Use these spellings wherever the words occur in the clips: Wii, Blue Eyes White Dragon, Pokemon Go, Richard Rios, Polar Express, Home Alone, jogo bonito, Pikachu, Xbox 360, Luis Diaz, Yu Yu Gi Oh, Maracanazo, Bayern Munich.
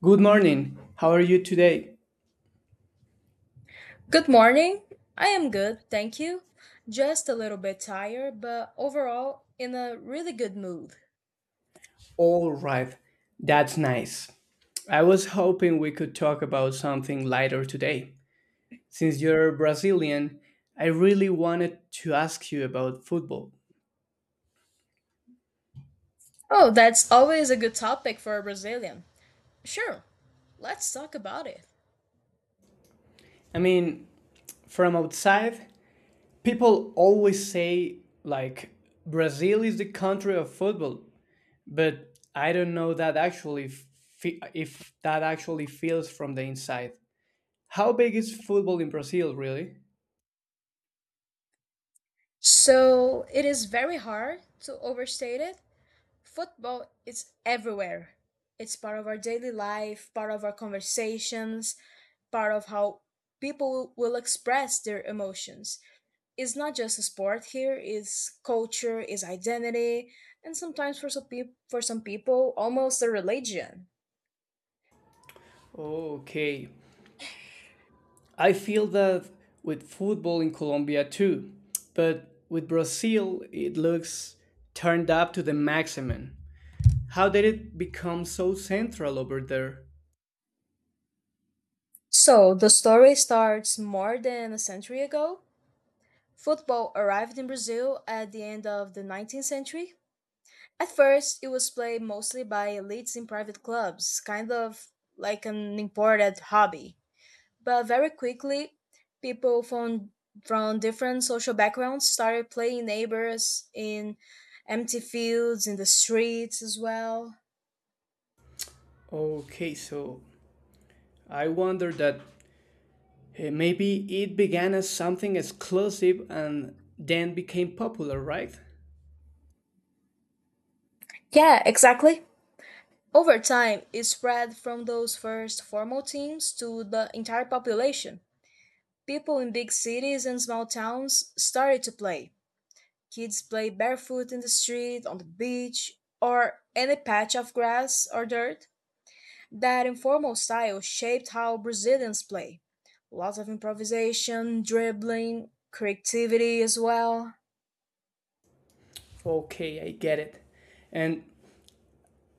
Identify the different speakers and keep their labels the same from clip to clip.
Speaker 1: Good morning. How are you today?
Speaker 2: Good morning. I am good, thank you. Just a little bit tired, but overall in a really good mood.
Speaker 1: All right. That's nice. I was hoping we could talk about something lighter today. Since you're Brazilian, I really wanted to ask you about football.
Speaker 2: Oh, that's always a good topic for a Brazilian. Sure, let's talk about it.
Speaker 1: I mean, from outside, people always say, like, Brazil is the country of football, but I don't know if that actually feels from the inside. How big is football in Brazil, really?
Speaker 2: So, it is very hard to overstate it. Football is everywhere. It's part of our daily life, part of our conversations, part of how people will express their emotions. It's not just a sport here, it's culture, it's identity, and sometimes for some, peop for some people almost a religion.
Speaker 1: Okay. I feel that with football in Colombia too, but with Brazil, it looks turned up to the maximum. How did it become so central over there?
Speaker 2: So the story starts more than a century ago. Football arrived in Brazil at the end of the 19th century. At first it was played mostly by elites in private clubs, kind of like an imported hobby. But very quickly, people from different social backgrounds started playing neighbors in empty fields, in the streets as well.
Speaker 1: Okay, so I wonder that maybe it began as something exclusive and then became popular, right?
Speaker 2: Yeah, exactly. Over time, it spread from those first formal teams to the entire population. People in big cities and small towns started to play. Kids play barefoot in the street, on the beach, or any patch of grass or dirt. That informal style shaped how Brazilians play. Lots of improvisation, dribbling, creativity as well.
Speaker 1: Okay, I get it. And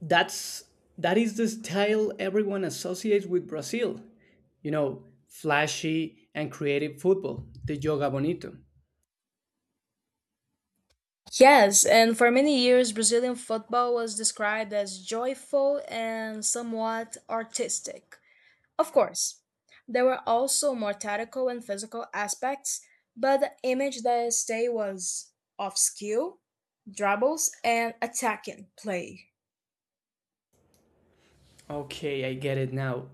Speaker 1: that's that is the style everyone associates with Brazil. You know, flashy and creative football, the yoga bonito.
Speaker 2: Yes, and for many years, Brazilian football was described as joyful and somewhat artistic. Of course, there were also more tactical and physical aspects, but the image that stayed was of skill, dribbles, and attacking play.
Speaker 1: Okay, I get it now.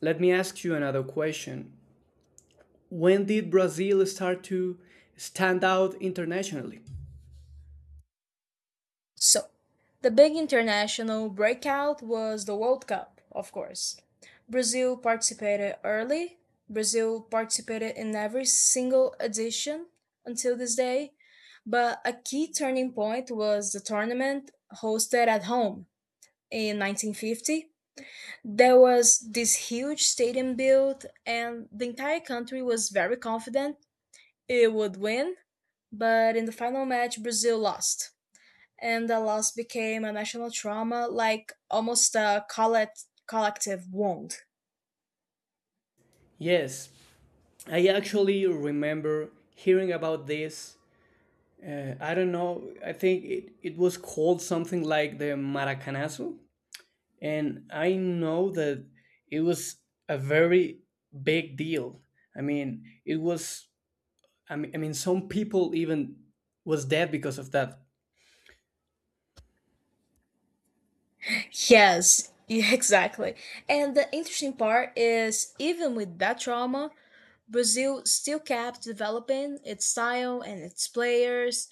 Speaker 1: Let me ask you another question. When did Brazil start to stand out internationally?
Speaker 2: So, the big international breakout was the World Cup, of course. Brazil participated early. Brazil participated in every single edition until this day. But a key turning point was the tournament hosted at home in 1950. There was this huge stadium built, and the entire country was very confident it would win. But in the final match, Brazil lost and the loss became a national trauma, like almost a collective wound.
Speaker 1: Yes, I actually remember hearing about this. I don't know, I think it was called something like the Maracanazo. And I know that it was a very big deal. I mean, it was. I mean, some people even was dead because of that.
Speaker 2: Yes, yeah, exactly. And the interesting part is, even with that trauma, Brazil still kept developing its style and its players.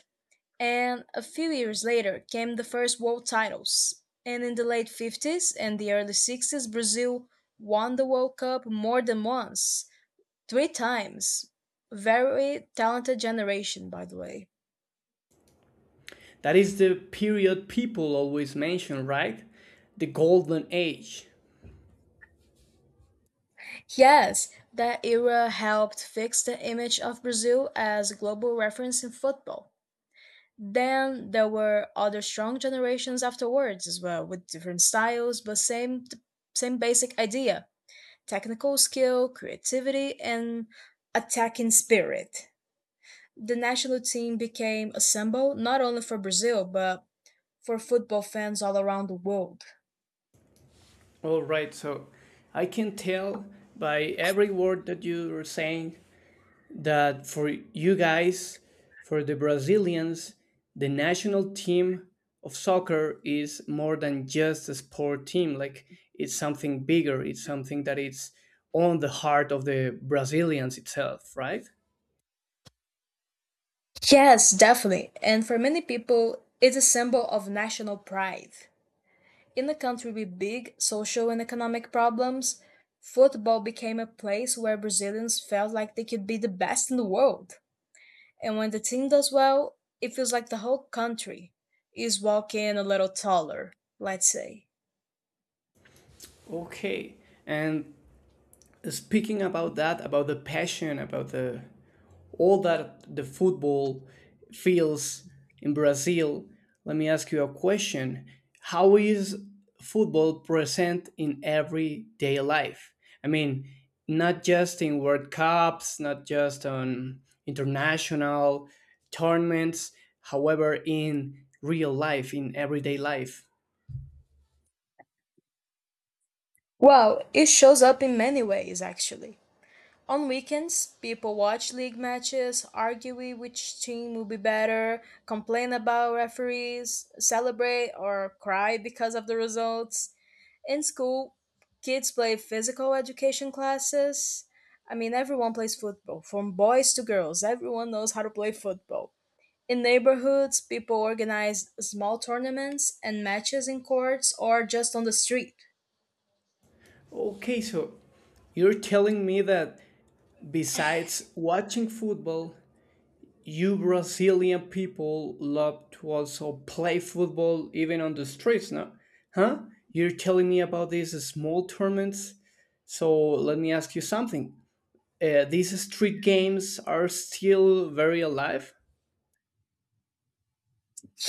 Speaker 2: And a few years later came the first world titles. And in the late 50s and the early 60s, Brazil won the World Cup more than once. Three times. Very talented generation, by the way.
Speaker 1: That is the period people always mention, right? The golden age.
Speaker 2: Yes, that era helped fix the image of Brazil as a global reference in football. Then there were other strong generations afterwards as well, with different styles, but same basic idea: technical skill, creativity, and attacking spirit. The national team became a symbol not only for Brazil but for football fans all around the world.
Speaker 1: All right, so I can tell by every word that you are saying that for you guys, for the Brazilians, the national team of soccer is more than just a sport team. Like it's something bigger. It's something that it's on the heart of the Brazilians itself, right?
Speaker 2: Yes, definitely. And for many people, it's a symbol of national pride. In a country with big social and economic problems, football became a place where Brazilians felt like they could be the best in the world. And when the team does well, it feels like the whole country is walking a little taller, let's say.
Speaker 1: Okay. And speaking about that, about the passion, about the all that the football feels in Brazil, let me ask you a question. How is football present in everyday life? I mean, not just in World Cups, not just on international tournaments, however, in real life, in everyday life.
Speaker 2: Well, it shows up in many ways, actually. On weekends, people watch league matches, argue with which team will be better, complain about referees, celebrate or cry because of the results. In school, kids play physical education classes. I mean, everyone plays football, from boys to girls, everyone knows how to play football. In neighborhoods, people organize small tournaments and matches in courts or just on the street.
Speaker 1: Okay, so you're telling me that besides watching football, you Brazilian people love to also play football even on the streets, no? Huh? You're telling me about these small tournaments? So let me ask you something. These street games are still very alive?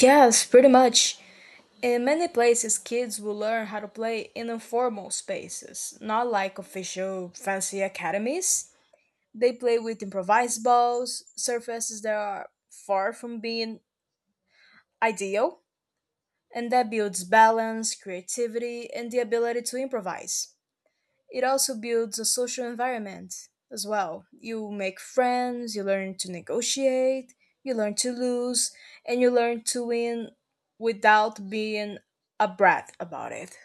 Speaker 2: Yes, pretty much. In many places, kids will learn how to play in informal spaces, not like official fancy academies. They play with improvised balls, surfaces that are far from being ideal, and that builds balance, creativity, and the ability to improvise. It also builds a social environment as well. You make friends, you learn to negotiate, you learn to lose, and you learn to win without being a brat about it.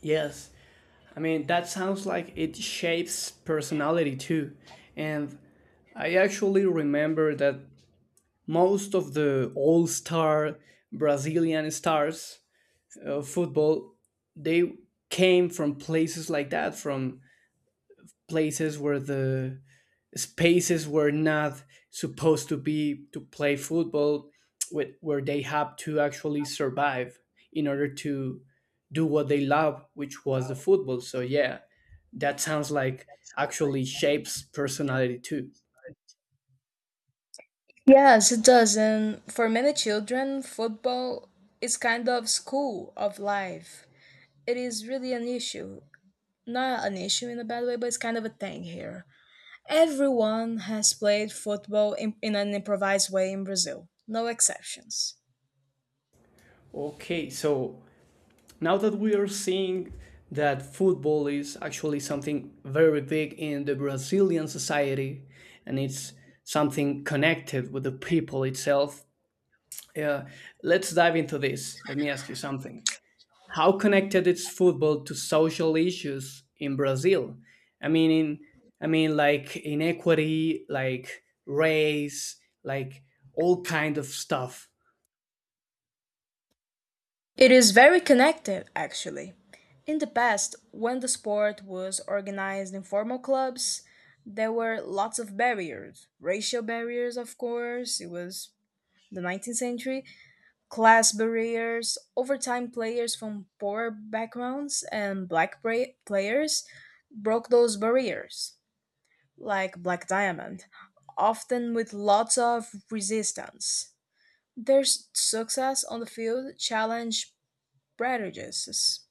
Speaker 1: Yes. I mean, that sounds like it shapes personality too. And I actually remember that most of the all star Brazilian stars football, they came from places like that, from places where the spaces were not supposed to be to play football, with, where they have to actually survive in order to do what they love, which was the football. So, yeah, that sounds like actually shapes personality too.
Speaker 2: Yes, it does. And for many children, football is kind of school of life. It is really an issue. Not an issue in a bad way, but it's kind of a thing here. Everyone has played football in an improvised way in Brazil, no exceptions.
Speaker 1: Okay, so now that we are seeing that football is actually something very big in the Brazilian society and it's something connected with the people itself, uh, let's dive into this. Let me ask you something. How connected is football to social issues in Brazil? I mean, in, I mean, like inequity, like race, like all kind of stuff.
Speaker 2: It is very connected, actually. In the past, when the sport was organized in formal clubs, there were lots of barriers. Racial barriers, of course, it was the 19th century, class barriers, overtime players from poor backgrounds, and players broke those barriers, like Black Diamond, often with lots of resistance. Their success on the field challenged prejudices,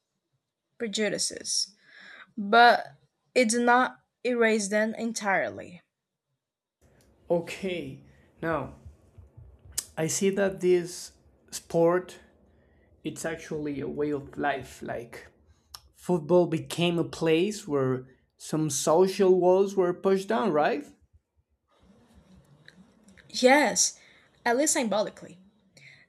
Speaker 2: prejudices, but it did not erase them entirely.
Speaker 1: Okay, now I see that this sport it's actually a way of life. Like football became a place where some social walls were pushed down, right?
Speaker 2: Yes, at least symbolically.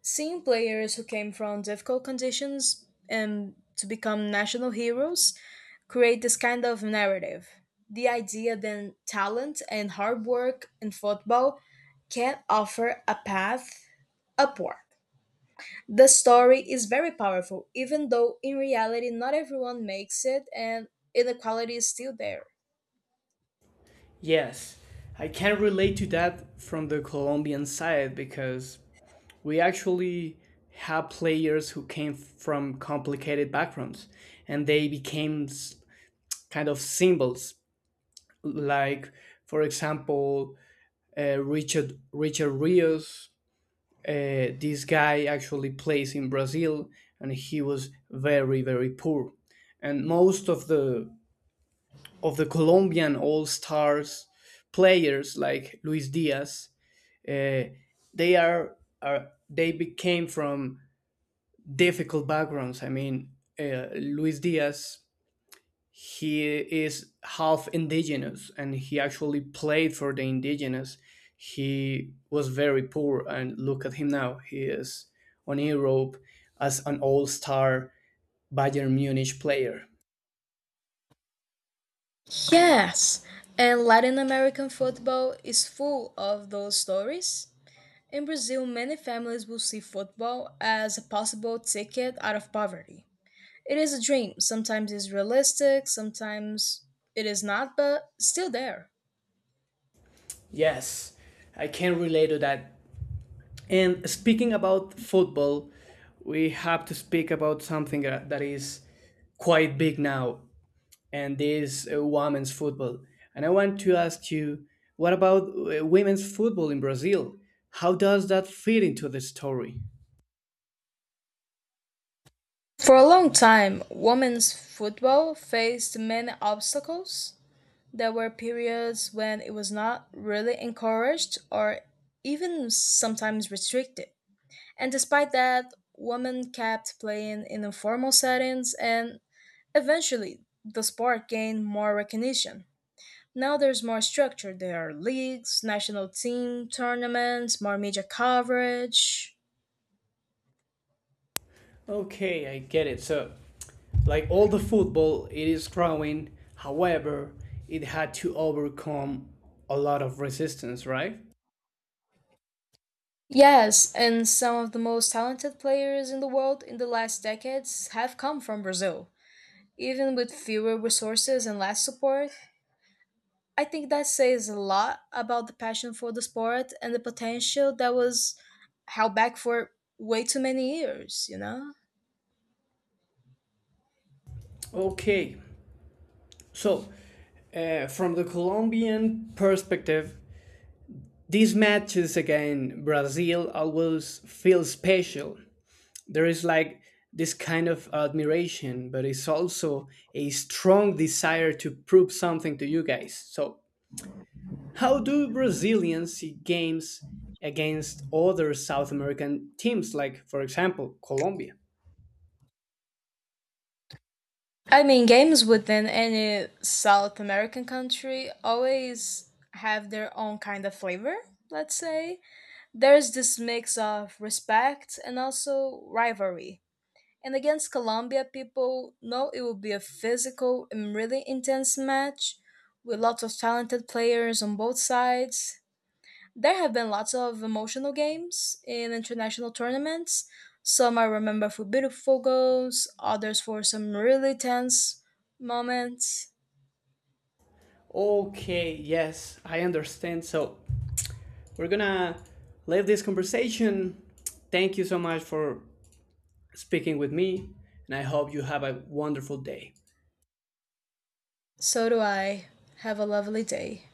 Speaker 2: Seeing players who came from difficult conditions and to become national heroes create this kind of narrative. The idea that talent and hard work in football can offer a path upward. The story is very powerful, even though in reality not everyone makes it and inequality is still there.
Speaker 1: Yes. I can relate to that from the Colombian side because we actually have players who came from complicated backgrounds and they became s- kind of symbols, like, for example, Richard Rios. Uh, this guy actually plays in Brazil and he was very very poor. And most of the Colombian all stars players, like Luis Diaz, uh, they are they became from difficult backgrounds. I mean, Luis Diaz, he is half indigenous and he actually played for the indigenous. He was very poor and look at him now. He is on Europe as an all-star Bayern Munich player.
Speaker 2: Yes, and Latin American football is full of those stories. In Brazil, many families will see football as a possible ticket out of poverty. It is a dream. Sometimes it's realistic, sometimes it is not, but still there.
Speaker 1: Yes, I can relate to that. And speaking about football, we have to speak about something that is quite big now, and this women's football. And I want to ask you, what about women's football in Brazil? How does that fit into the story?
Speaker 2: For a long time, women's football faced many obstacles. There were periods when it was not really encouraged or even sometimes restricted. And despite that, women kept playing in informal settings and eventually the sport gained more recognition. Now there's more structure. There are leagues, national team tournaments, more media coverage.
Speaker 1: Okay, I get it. So, like all the football, it is growing. However, it had to overcome a lot of resistance, right?
Speaker 2: Yes, and some of the most talented players in the world in the last decades have come from Brazil. Even with fewer resources and less support, I think that says a lot about the passion for the sport and the potential that was held back for way too many years, you know?
Speaker 1: Okay, so from the Colombian perspective, these matches against Brazil always feel special. There is like this kind of admiration, but it's also a strong desire to prove something to you guys. So, how do Brazilians see games against other South American teams, like, for example, Colombia?
Speaker 2: I mean, games within any South American country always have their own kind of flavor, let's say. There's this mix of respect and also rivalry. And against Colombia, people know it will be a physical and really intense match with lots of talented players on both sides. There have been lots of emotional games in international tournaments. Some I remember for beautiful goals, others for some really tense moments.
Speaker 1: Okay, yes, I understand. So, we're gonna leave this conversation. Thank you so much for speaking with me, and I hope you have a wonderful day.
Speaker 2: So do I. Have a lovely day.